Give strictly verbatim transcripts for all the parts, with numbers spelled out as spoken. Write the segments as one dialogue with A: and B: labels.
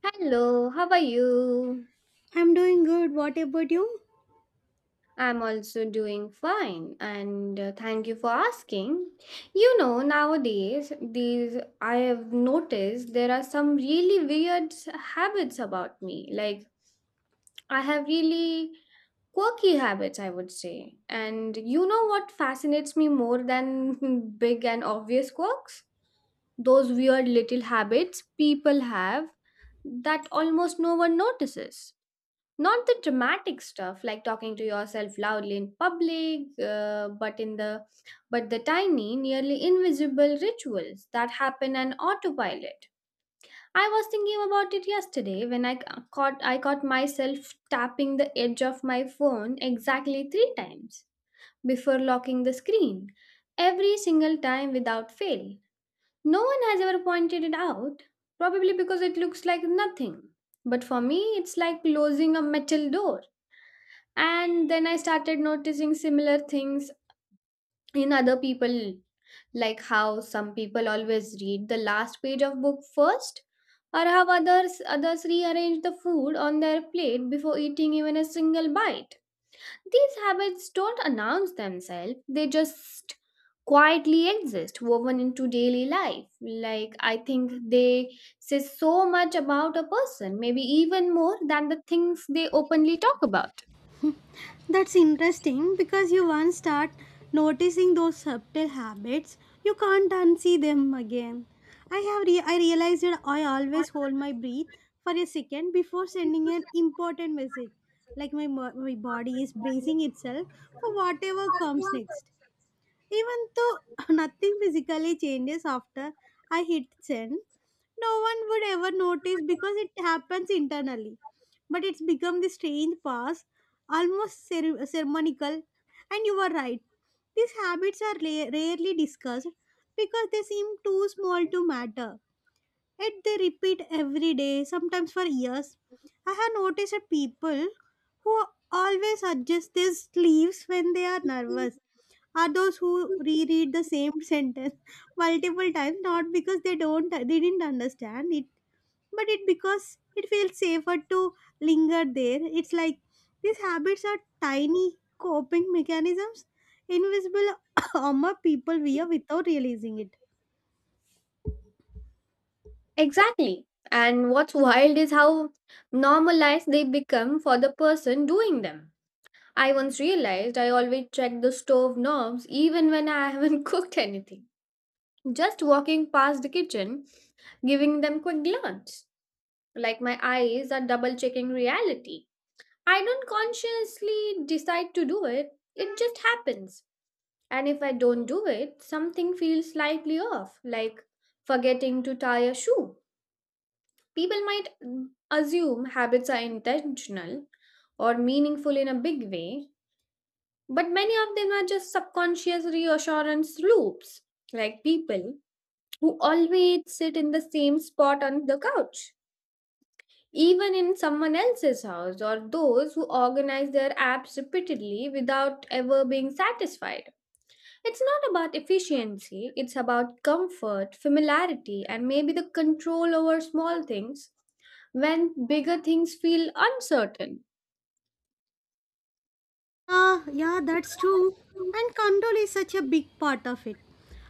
A: Hello, how are you?
B: I'm doing good. What about you?
A: I'm also doing fine and uh, thank you for asking. You know, nowadays these I have noticed there are some really weird s- habits about me. Like I have really quirky habits, I would say. And you know what fascinates me more than big and obvious quirks? Those weird little habits people have that almost no one notices. Not the dramatic stuff like talking to yourself loudly in public, uh, but in the but the tiny, nearly invisible rituals that happen on autopilot. I was thinking about it yesterday when I ca- caught I caught myself tapping the edge of my phone exactly three times before locking the screen every single time without fail. No one has ever pointed it out, probably because it looks like nothing. But for me, it's like closing a metal door. And then I started noticing similar things in other people, like how some people always read the last page of book first, or how others others rearrange the food on their plate before eating even a single bite. These habits don't announce themselves, they just quietly exist, woven into daily life. Like I think they say so much about a person, maybe even more than the things they openly talk about.
B: That's interesting because you once start noticing those subtle habits, you can't unsee them again. I have re- I realized that I always hold my breath for a second before sending an important message. Like my, mo- my body is bracing itself for whatever comes next. Even though nothing physically changes after I hit send, no one would ever notice because it happens internally. But it's become this strange past, almost cere- ceremonial. And you are right, these habits are la- rarely discussed because they seem too small to matter. Yet they repeat every day, sometimes for years. I have noticed that people who always adjust their sleeves when they are nervous are those who reread the same sentence multiple times, not because they don't they didn't understand it, but it because it feels safer to linger there. It's like these habits are tiny coping mechanisms, invisible armor people wear without realizing it.
A: Exactly. And what's wild is how normalized they become for the person doing them. I once realized I always check the stove knobs even when I haven't cooked anything. Just walking past the kitchen, giving them quick glance. Like my eyes are double checking reality. I don't consciously decide to do it, it just happens. And if I don't do it, something feels slightly off, like forgetting to tie a shoe. People might mm, assume habits are intentional or meaningful in a big way, but many of them are just subconscious reassurance loops, like people who always sit in the same spot on the couch, even in someone else's house, or those who organize their apps repeatedly without ever being satisfied. It's not about efficiency, it's about comfort, familiarity, and maybe the control over small things when bigger things feel uncertain.
B: Ah, yeah, that's true. And control is such a big part of it.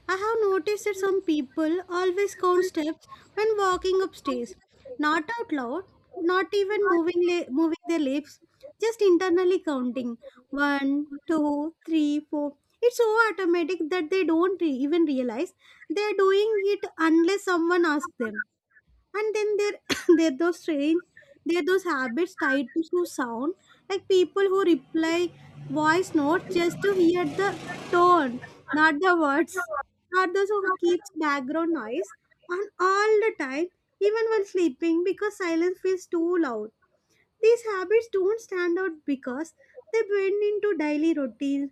B: I have noticed that some people always count steps when walking upstairs, not out loud, not even moving la- moving their lips, just internally counting one, two, three, four. It's so automatic that they don't re- even realize they're doing it unless someone asks them. And then there there are those strange, there are those habits tied to so sound, like people who reply voice notes just to hear the tone, not the words, or those who keeps background noise on all the time, even while sleeping because silence feels too loud. These habits don't stand out because they blend into daily routines,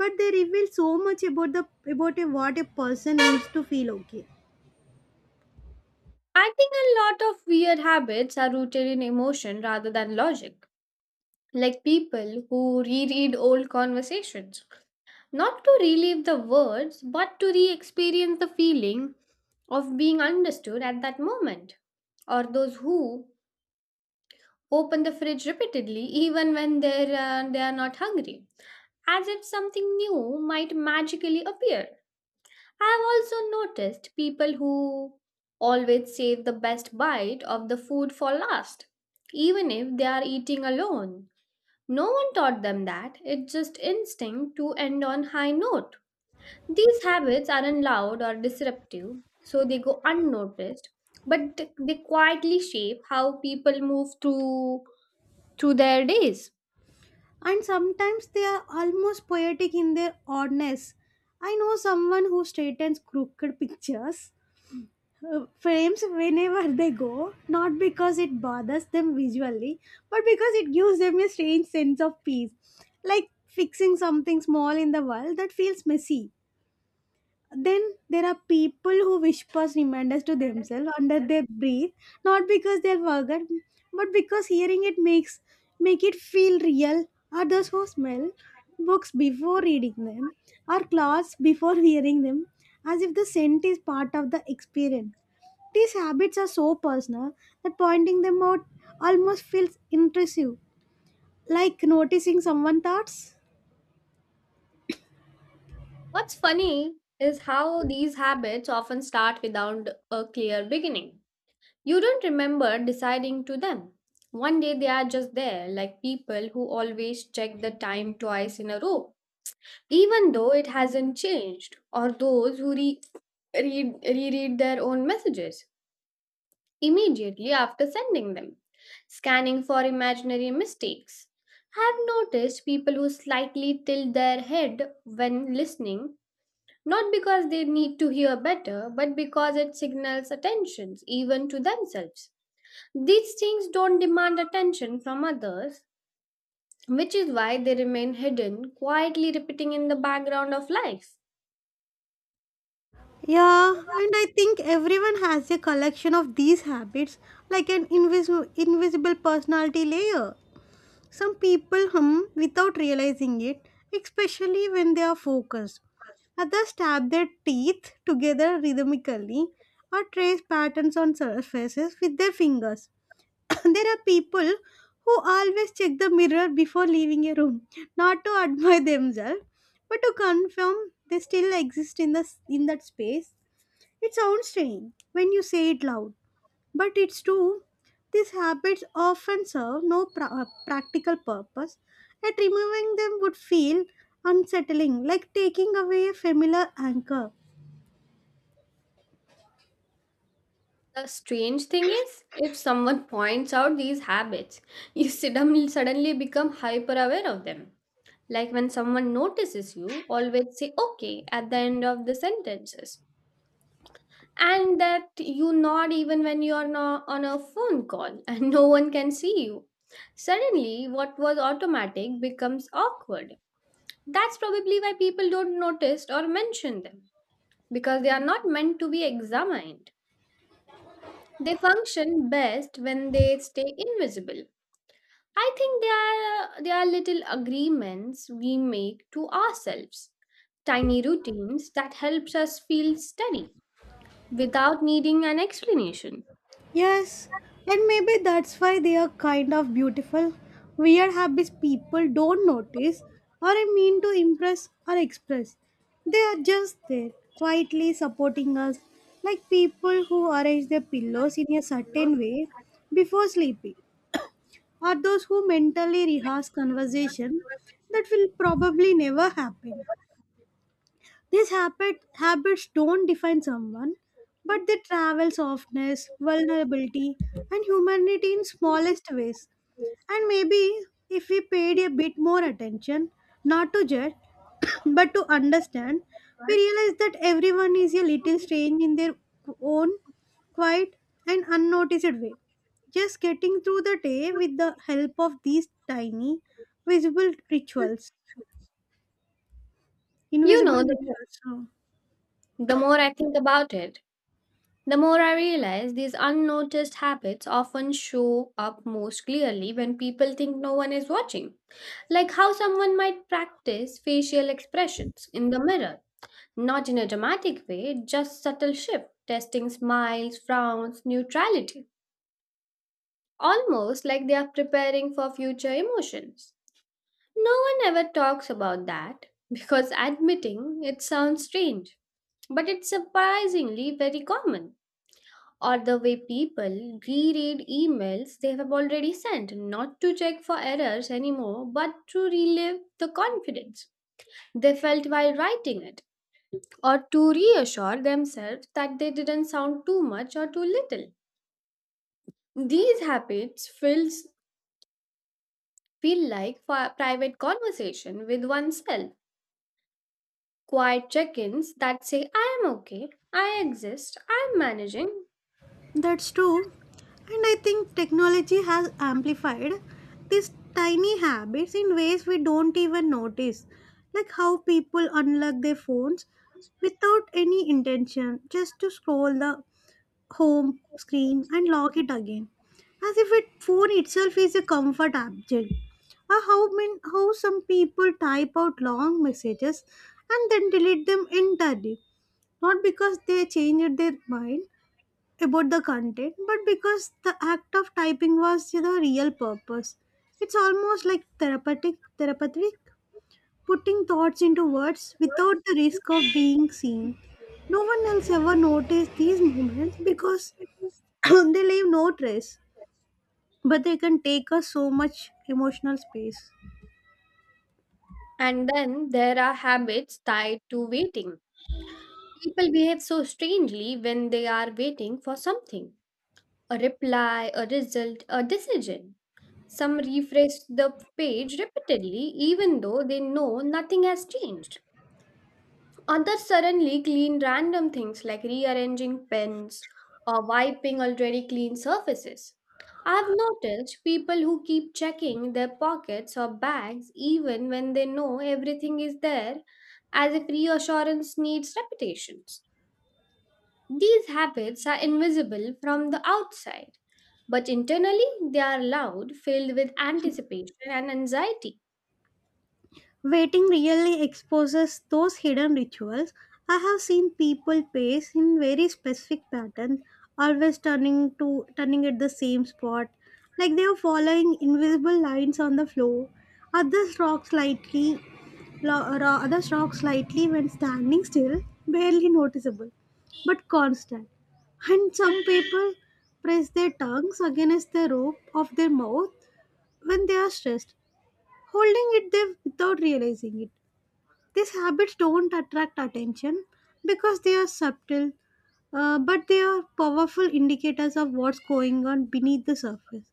B: but they reveal so much about the about a, what a person needs to feel okay.
A: I think a lot of weird habits are rooted in emotion rather than logic, like people who reread old conversations, not to relive the words, but to re experience the feeling of being understood at that moment, or those who open the fridge repeatedly even when they're, uh, they are not hungry, as if something new might magically appear. I've also noticed people who always save the best bite of the food for last, even if they are eating alone. No one taught them that, it's just instinct to end on high note. These habits aren't loud or disruptive, so they go unnoticed, but they quietly shape how people move through through their days.
B: And sometimes they are almost poetic in their oddness. I know someone who straightens crooked pictures, uh, frames whenever they go, not because it bothers them visually, but because it gives them a strange sense of peace, like fixing something small in the world that feels messy. Then there are people who whispers reminders to themselves under their breath, not because they forgot, but because hearing it makes make it feel real. Others who smell books before reading them, or clothes before wearing them, as if the scent is part of the experience. These habits are so personal that pointing them out almost feels intrusive, like noticing someone's thoughts.
A: What's funny is how these habits often start without a clear beginning. You don't remember deciding to them. One day they are just there, like people who always check the time twice in a row, even though it hasn't changed, or those who re- read, reread their own messages immediately after sending them, scanning for imaginary mistakes. I've noticed people who slightly tilt their head when listening, not because they need to hear better, but because it signals attention even to themselves. These things don't demand attention from others, which is why they remain hidden, quietly repeating in the background of life.
B: Yeah, and I think everyone has a collection of these habits, like an invis- invisible personality layer. Some people hum without realizing it, especially when they are focused. Others tap their teeth together rhythmically or trace patterns on surfaces with their fingers. There are people who always check the mirror before leaving a room, not to admire themselves, but to confirm they still exist in the in that space. It sounds strange when you say it loud, but it's true. These habits often serve no pra- uh, practical purpose, and removing them would feel unsettling, like taking away a familiar anchor.
A: The strange thing is, if someone points out these habits, you suddenly suddenly become hyper aware of them. Like when someone notices you, always say okay at the end of the sentences. And that you nod even when you are not on a phone call and no one can see you. Suddenly, what was automatic becomes awkward. That's probably why people don't notice or mention them, because they are not meant to be examined. They function best when they stay invisible. I think they are, they are little agreements we make to ourselves, tiny routines that helps us feel steady without needing an explanation.
B: Yes, and maybe that's why they are kind of beautiful. Weird habits people don't notice or mean to impress or express. They are just there, quietly supporting us, like people who arrange their pillows in a certain way before sleeping, or those who mentally rehearse conversation that will probably never happen. These habit, habits don't define someone, but they travel softness, vulnerability, and humanity in smallest ways. And maybe if we paid a bit more attention, not to judge, but to understand, we realize that everyone is a little strange in their own quiet and unnoticed way. Just getting through the day with the help of these tiny, visible rituals,
A: You
B: invisible
A: know, the,
B: rituals. Huh.
A: the more I think about it, the more I realize, these unnoticed habits often show up most clearly when people think no one is watching. Like how someone might practice facial expressions in the mirror, not in a dramatic way, just subtle shift, testing smiles, frowns, neutrality, almost like they are preparing for future emotions. No one ever talks about that because admitting it sounds strange, but it's surprisingly very common. Or the way people reread emails they have already sent, not to check for errors anymore, but to relive the confidence they felt while writing it, or to reassure themselves that they didn't sound too much or too little. These habits feels, feel like fi- private conversation with oneself, quiet check ins that say, I am okay, I exist, I'm managing.
B: That's true. And I think technology has amplified these tiny habits in ways we don't even notice. Like how people unlock their phones without any intention, just to scroll the home screen and lock it again. As if it phone itself is a comfort object. Or how men, how some people type out long messages and then delete them entirely. Not because they changed their mind about the content, but because the act of typing was the real purpose. It's almost like therapeutic, therapeutic, putting thoughts into words without the risk of being seen. No one else ever noticed these moments because they leave no trace, but they can take us so much emotional space.
A: And then there are habits tied to waiting. People behave so strangely when they are waiting for something, a reply, a result, a decision. Some refresh the page repeatedly even though they know nothing has changed. Others suddenly clean random things like rearranging pens or wiping already clean surfaces. I've noticed people who keep checking their pockets or bags even when they know everything is there, as if reassurance needs repetitions. These habits are invisible from the outside, but internally they are loud, filled with anticipation and anxiety.
B: Waiting really exposes those hidden rituals. I have seen people pace in very specific patterns, always turning to turning at the same spot, like they are following invisible lines on the floor. Others rock slightly, lo- ro- others rock slightly when standing still, barely noticeable, but constant. And some people press their tongues against the roof of their mouth when they are stressed, holding it there without realizing it. These habits don't attract attention because they are subtle, uh, but they are powerful indicators of what's going on beneath the surface.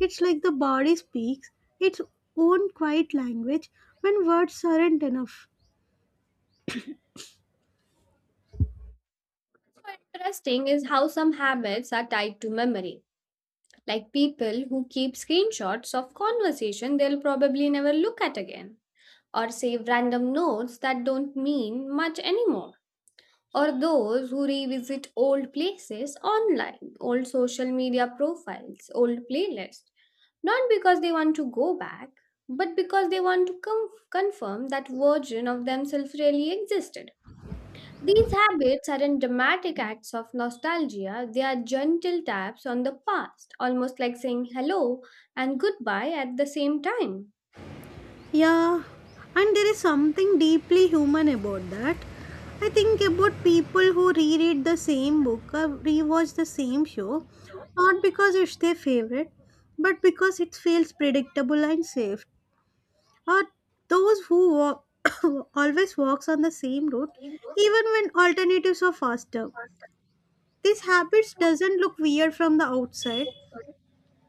B: It's like the body speaks its own quiet language when words aren't enough.
A: So interesting is how some habits are tied to memory, like people who keep screenshots of conversation they'll probably never look at again, or save random notes that don't mean much anymore, or those who revisit old places online, old social media profiles, old playlists, not because they want to go back, but because they want to com- confirm that version of themselves really existed. These habits aren't dramatic acts of nostalgia, they are gentle taps on the past, almost like saying hello and goodbye at the same time.
B: Yeah, and there is something deeply human about that. I think about people who reread the same book or rewatch the same show, not because it's their favorite, but because it feels predictable and safe. Or those who walk, always walks on the same route even when alternatives are faster. These habits doesn't look weird from the outside,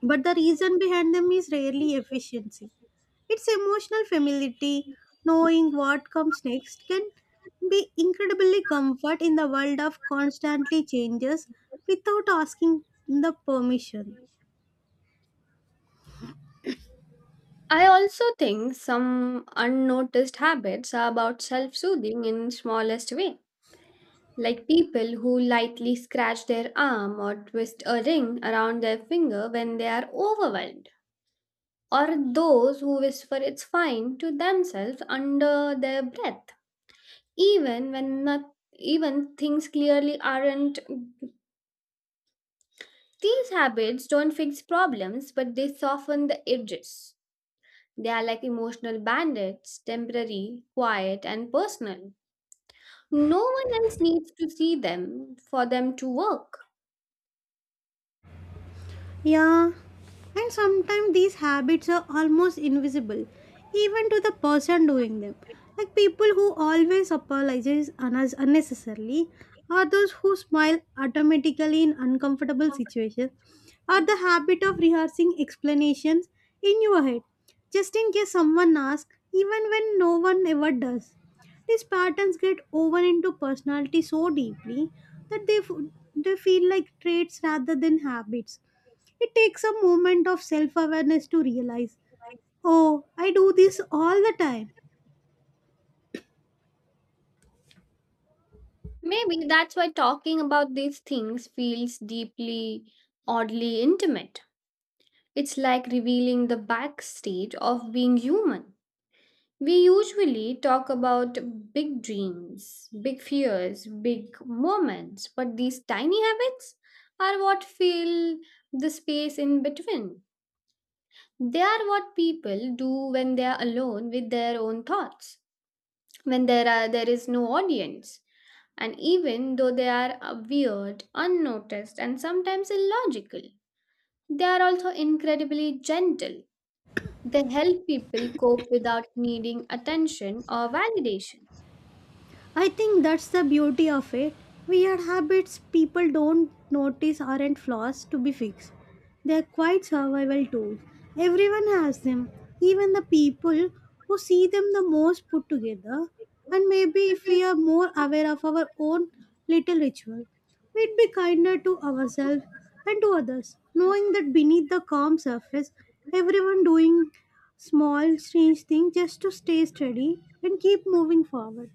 B: but the reason behind them is rarely efficiency. It's emotional familiarity. Knowing what comes next can be incredibly comfort in the world of constantly changes without asking the permission.
A: I also think some unnoticed habits are about self soothing in smallest way, like people who lightly scratch their arm or twist a ring around their finger when they are overwhelmed, or those who whisper it's fine to themselves under their breath, even when not, even things clearly aren't. These habits don't fix problems, but they soften the edges. They are like emotional bandits, temporary, quiet, and personal. No one else needs to see them for them to work.
B: Yeah, and sometimes these habits are almost invisible, even to the person doing them. Like people who always apologize unnec- unnecessarily, or those who smile automatically in uncomfortable situations, or the habit of rehearsing explanations in your head, just in case someone asks, even when no one ever does. These patterns get woven into personality so deeply that they, f- they feel like traits rather than habits. It takes a moment of self awareness to realize, oh, I do this all the time.
A: Maybe that's why talking about these things feels deeply, oddly intimate. It's like revealing the backstage of being human. We usually talk about big dreams, big fears, big moments, but these tiny habits are what fill the space in between. They are what people do when they are alone with their own thoughts, when there, are, there is no audience. And even though they are uh, weird, unnoticed, and sometimes illogical, they are also incredibly gentle. They help people cope without needing attention or validation.
B: I think that's the beauty of it. Weird habits people don't notice aren't flaws to be fixed. They're quite survival tools. Everyone has them, even the people who see them the most put together. And maybe if we are more aware of our own little ritual, we'd be kinder to ourselves and to others, knowing that beneath the calm surface, everyone doing small, strange things just to stay steady and keep moving forward.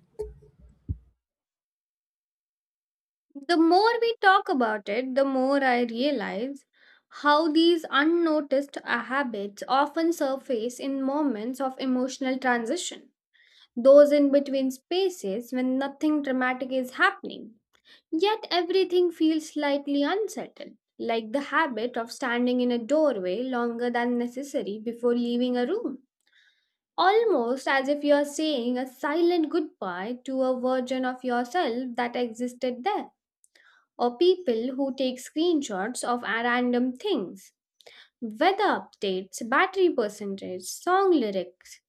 A: The more we talk about it, the more I realize how these unnoticed uh, habits often surface in moments of emotional transition, those in between spaces when nothing dramatic is happening. Yet everything feels slightly unsettled, like the habit of standing in a doorway longer than necessary before leaving a room. Almost as if you're saying a silent goodbye to a version of yourself that existed there, or people who take screenshots of a- random things, weather updates, battery percentage, song lyrics,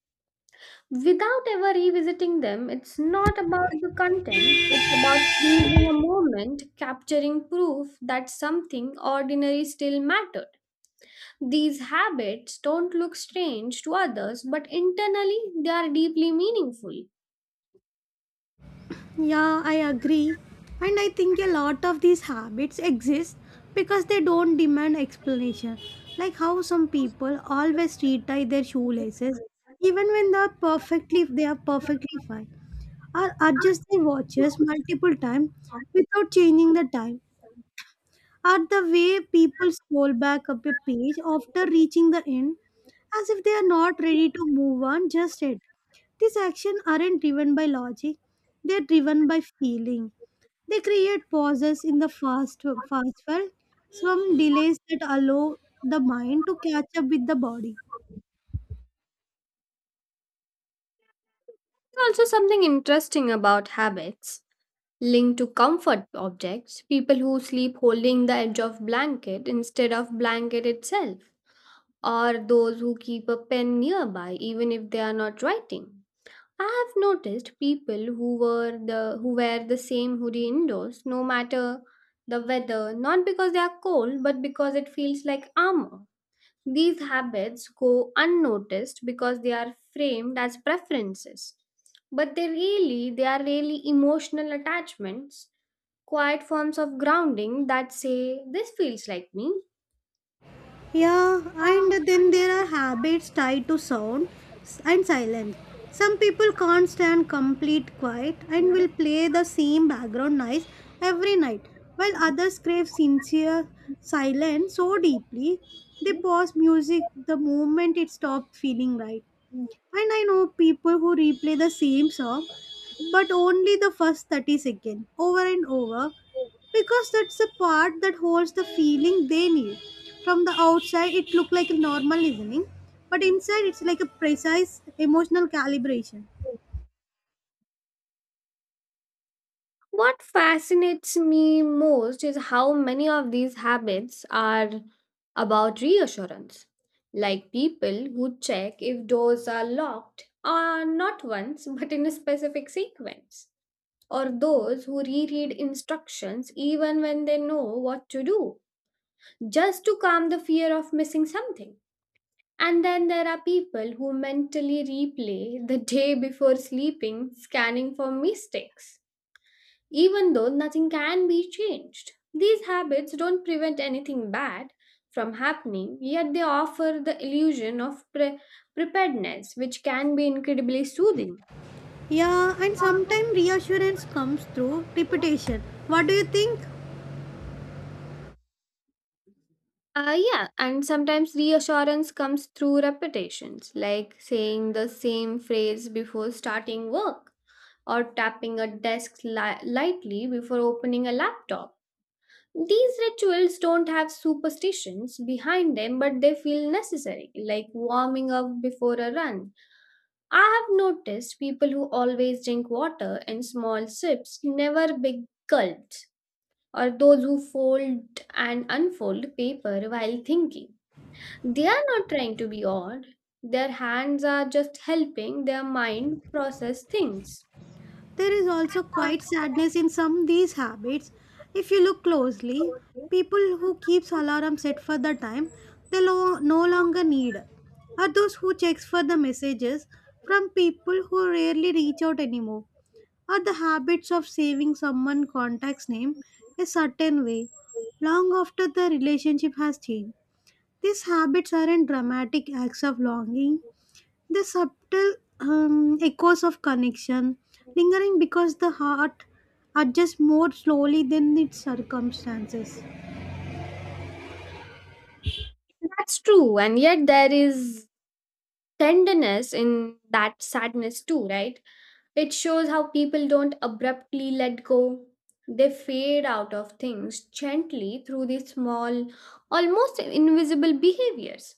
A: without ever revisiting them. It's not about the content, it's about freezing a moment, capturing proof that something ordinary still mattered. These habits don't look strange to others, but internally they are deeply meaningful.
B: Yeah, I agree. And I think a lot of these habits exist because they don't demand explanation. Like how some people always tie their shoelaces even when they are perfectly they are perfectly fine, or adjust their watches multiple times without changing the time. Or the way people scroll back up a page after reaching the end as if they are not ready to move on just yet. These actions aren't driven by logic, they're driven by feeling. They create pauses in the fast, fast world, some delays that allow the mind to catch up with the body.
A: Also something interesting about habits linked to comfort objects, people who sleep holding the edge of blanket instead of blanket itself, or those who keep a pen nearby even if they are not writing. I have noticed people who were the who wear the same hoodie indoors no matter the weather, not because they are cold, but because it feels like armor. These habits go unnoticed because they are framed as preferences. But they really they are really emotional attachments, quiet forms of grounding that say this feels like me.
B: Yeah, and then there are habits tied to sound s- and silence. Some people can't stand complete quiet and will play the same background noise every night, while others crave sincere silence so deeply they pause music the moment it stops feeling right. And I know people who replay the same song, but only the first thirty seconds over and over because that's the part that holds the feeling they need. From the outside, it looks like a normal listening, but inside, it's like a precise emotional calibration.
A: What fascinates me most is how many of these habits are about reassurance. Like people who check if doors are locked, or not once but in a specific sequence, or those who reread instructions even when they know what to do, just to calm the fear of missing something. And then there are people who mentally replay the day before sleeping, scanning for mistakes even though nothing can be changed. These habits don't prevent anything bad from happening, yet they offer the illusion of pre- preparedness, which can be incredibly soothing.
B: Yeah, and sometimes reassurance comes through repetition. What do you think?
A: Uh, yeah, and sometimes reassurance comes through repetitions, like saying the same phrase before starting work or tapping a desk li- lightly before opening a laptop. These rituals don't have superstitions behind them, but they feel necessary, like warming up before a run. I have noticed people who always drink water in small sips, never big gulps, or those who fold and unfold paper while thinking. They are not trying to be odd, their hands are just helping their mind process things.
B: There is also quite sadness in some these habits. If you look closely, people who keeps alarm set for the time they lo- no longer need are those who checks for the messages from people who rarely reach out anymore, or the habits of saving someone contact's name a certain way long after the relationship has changed. These habits aren't dramatic acts of longing, the subtle um, echoes of connection, lingering because the heart adjusts more slowly than its circumstances.
A: That's true, and yet there is tenderness in that sadness too, right? It shows how people don't abruptly let go. They fade out of things gently through these small, almost invisible behaviors,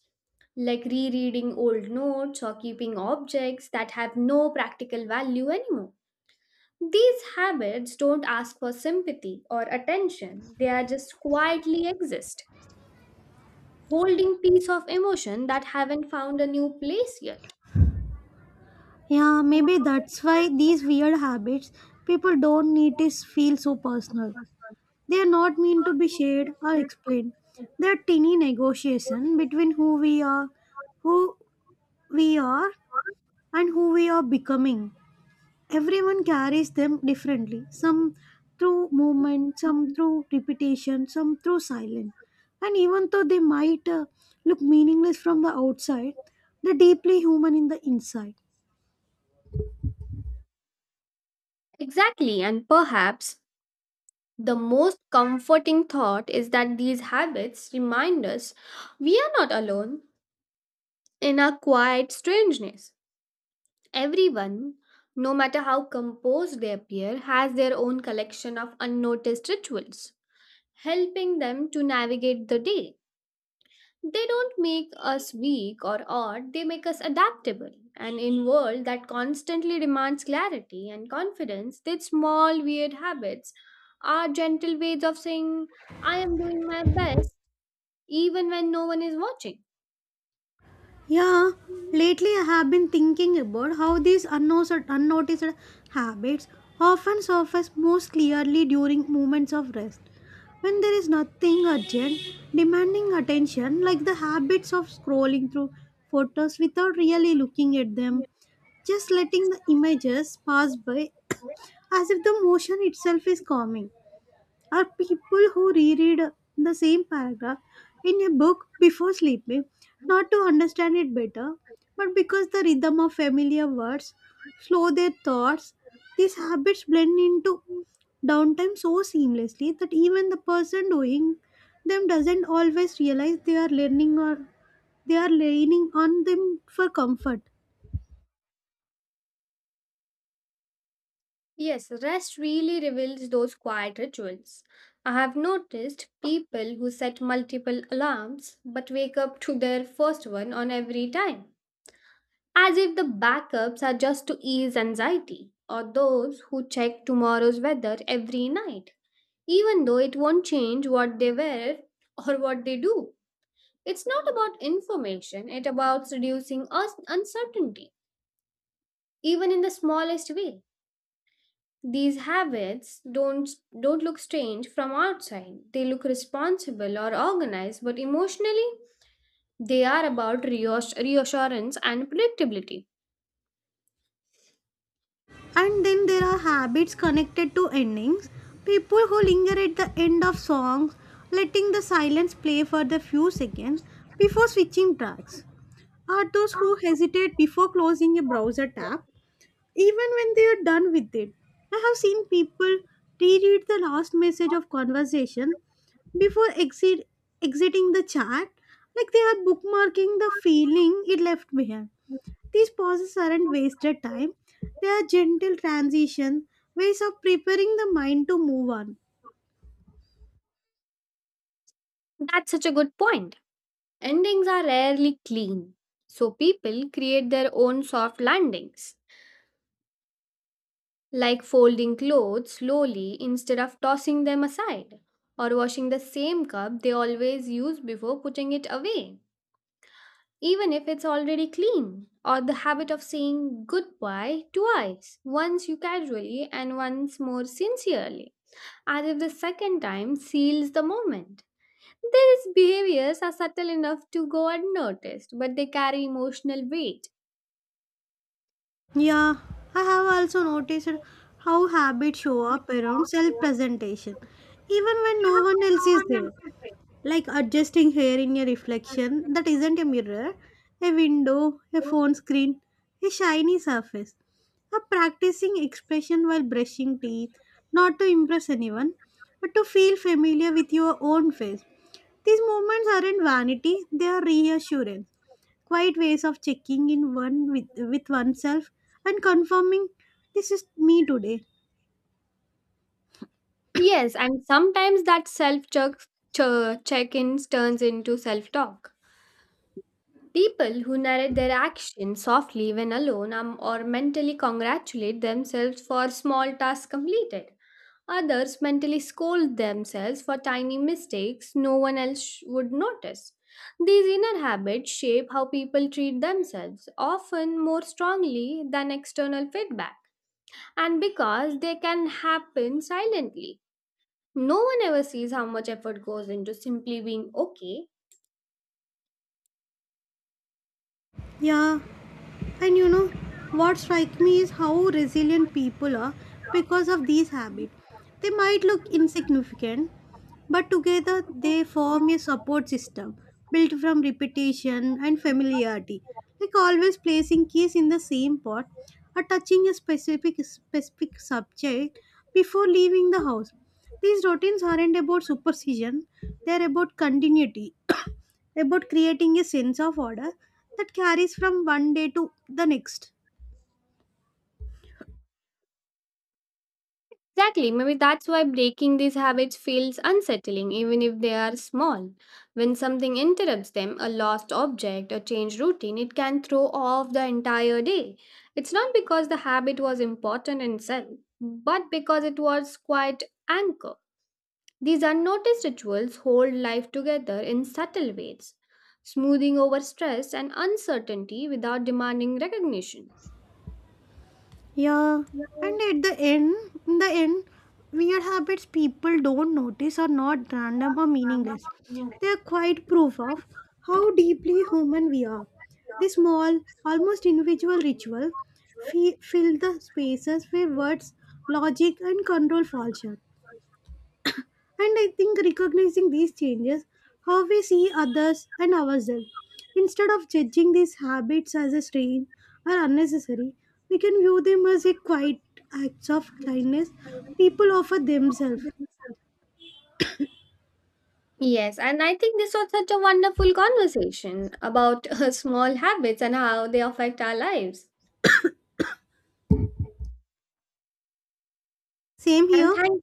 A: like rereading old notes or keeping objects that have no practical value anymore. These habits don't ask for sympathy or attention, they are just quietly exist, holding pieces of emotion that haven't found a new place yet.
B: Yeah, maybe that's why these weird habits people don't need is feel so personal. They are not meant to be shared or explained. They are tiny negotiation between who we are, who we are, and who we are becoming. Everyone carries them differently, some through movement, some through repetition, some through silence. And even though they might uh, look meaningless from the outside, they're deeply human in the inside.
A: Exactly, and perhaps the most comforting thought is that these habits remind us we are not alone in our quiet strangeness. Everyone, no matter how composed they appear, has their own collection of unnoticed rituals, helping them to navigate the day. They don't make us weak or odd, they make us adaptable. And in world that constantly demands clarity and confidence, these small weird habits are gentle ways of saying, I am doing my best even when no one is watching.
B: Yeah, lately I have been thinking about how these unnoticed, unnoticed habits often surface most clearly during moments of rest. When there is nothing urgent demanding attention, like the habits of scrolling through photos without really looking at them, just letting the images pass by as if the motion itself is calming. Are people who reread the same paragraph in a book before sleeping not to understand it better, but because the rhythm of familiar words slow their thoughts? These habits blend into downtime so seamlessly that even the person doing them doesn't always realize they are learning or they are leaning on them for comfort.
A: Yes, rest really reveals those quiet rituals. I have noticed people who set multiple alarms but wake up to their first one on every time, as if the backups are just to ease anxiety, or those who check tomorrow's weather every night, even though it won't change what they wear or what they do. It's not about information, it's about reducing us uncertainty, even in the smallest way. These habits don't don't look strange from outside. They look responsible or organized, but emotionally they are about reass- reassurance and predictability.
B: And then there are habits connected to endings. People who linger at the end of songs, letting the silence play for the few seconds before switching tracks, are those who hesitate before closing a browser tab, even when they are done with it. I have seen people reread the last message of conversation before exit, exiting the chat, like they are bookmarking the feeling it left behind. These pauses aren't wasted time, they are gentle transition, ways of preparing the mind to move on.
A: That's such a good point. Endings are rarely clean, so people create their own soft landings, like folding clothes slowly instead of tossing them aside, or washing the same cup they always use before putting it away, even if it's already clean, or the habit of saying goodbye twice, once you casually and once more sincerely, as if the second time seals the moment. These behaviors are subtle enough to go unnoticed, but they carry emotional weight.
B: Yeah, I have also noticed how habits show up around self presentation, even when no one else is there. Like adjusting hair in a reflection that isn't a mirror, a window, a phone screen, a shiny surface, a practicing expression while brushing teeth, not to impress anyone, but to feel familiar with your own face. These movements aren't vanity, they are reassurance, quiet ways of checking in one with, with oneself and confirming this is me today.
A: Yes, and sometimes that self check ins turns into self talk. People who narrate their actions softly when alone um, or mentally congratulate themselves for small tasks completed. Others mentally scold themselves for tiny mistakes no one else sh- would notice. These inner habits shape how people treat themselves, often more strongly than external feedback, and because they can happen silently. No one ever sees how much effort goes into simply being okay.
B: Yeah, and you know, what strikes me is how resilient people are because of these habits. They might look insignificant, but together they form a support system built from repetition and familiarity. Like always placing keys in the same pot or touching a specific specific subject before leaving the house. These routines aren't about superstition, they're about continuity, about creating a sense of order that carries from one day to the next.
A: Exactly, maybe that's why breaking these habits feels unsettling, even if they are small. When something interrupts them, a lost object, a changed routine, it can throw off the entire day. It's not because the habit was important in itself, but because it was quite anchor. These unnoticed rituals hold life together in subtle ways, smoothing over stress and uncertainty without demanding recognition.
B: Yeah, and at the end, in the end, weird habits people don't notice are not random or meaningless. They are quite proof of how deeply human we are. The small, almost individual ritual fi- fill the spaces where words, logic, and control fall short. And I think recognizing these changes, how we see others and ourselves, instead of judging these habits as a strain or unnecessary, we can view them as a quiet acts of kindness people offer themselves.
A: Yes, and I think this was such a wonderful conversation about uh, small habits and how they affect our lives.
B: Same
A: And
B: here.
A: thank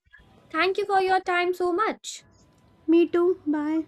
A: thank you for your time so much.
B: Me too. Bye.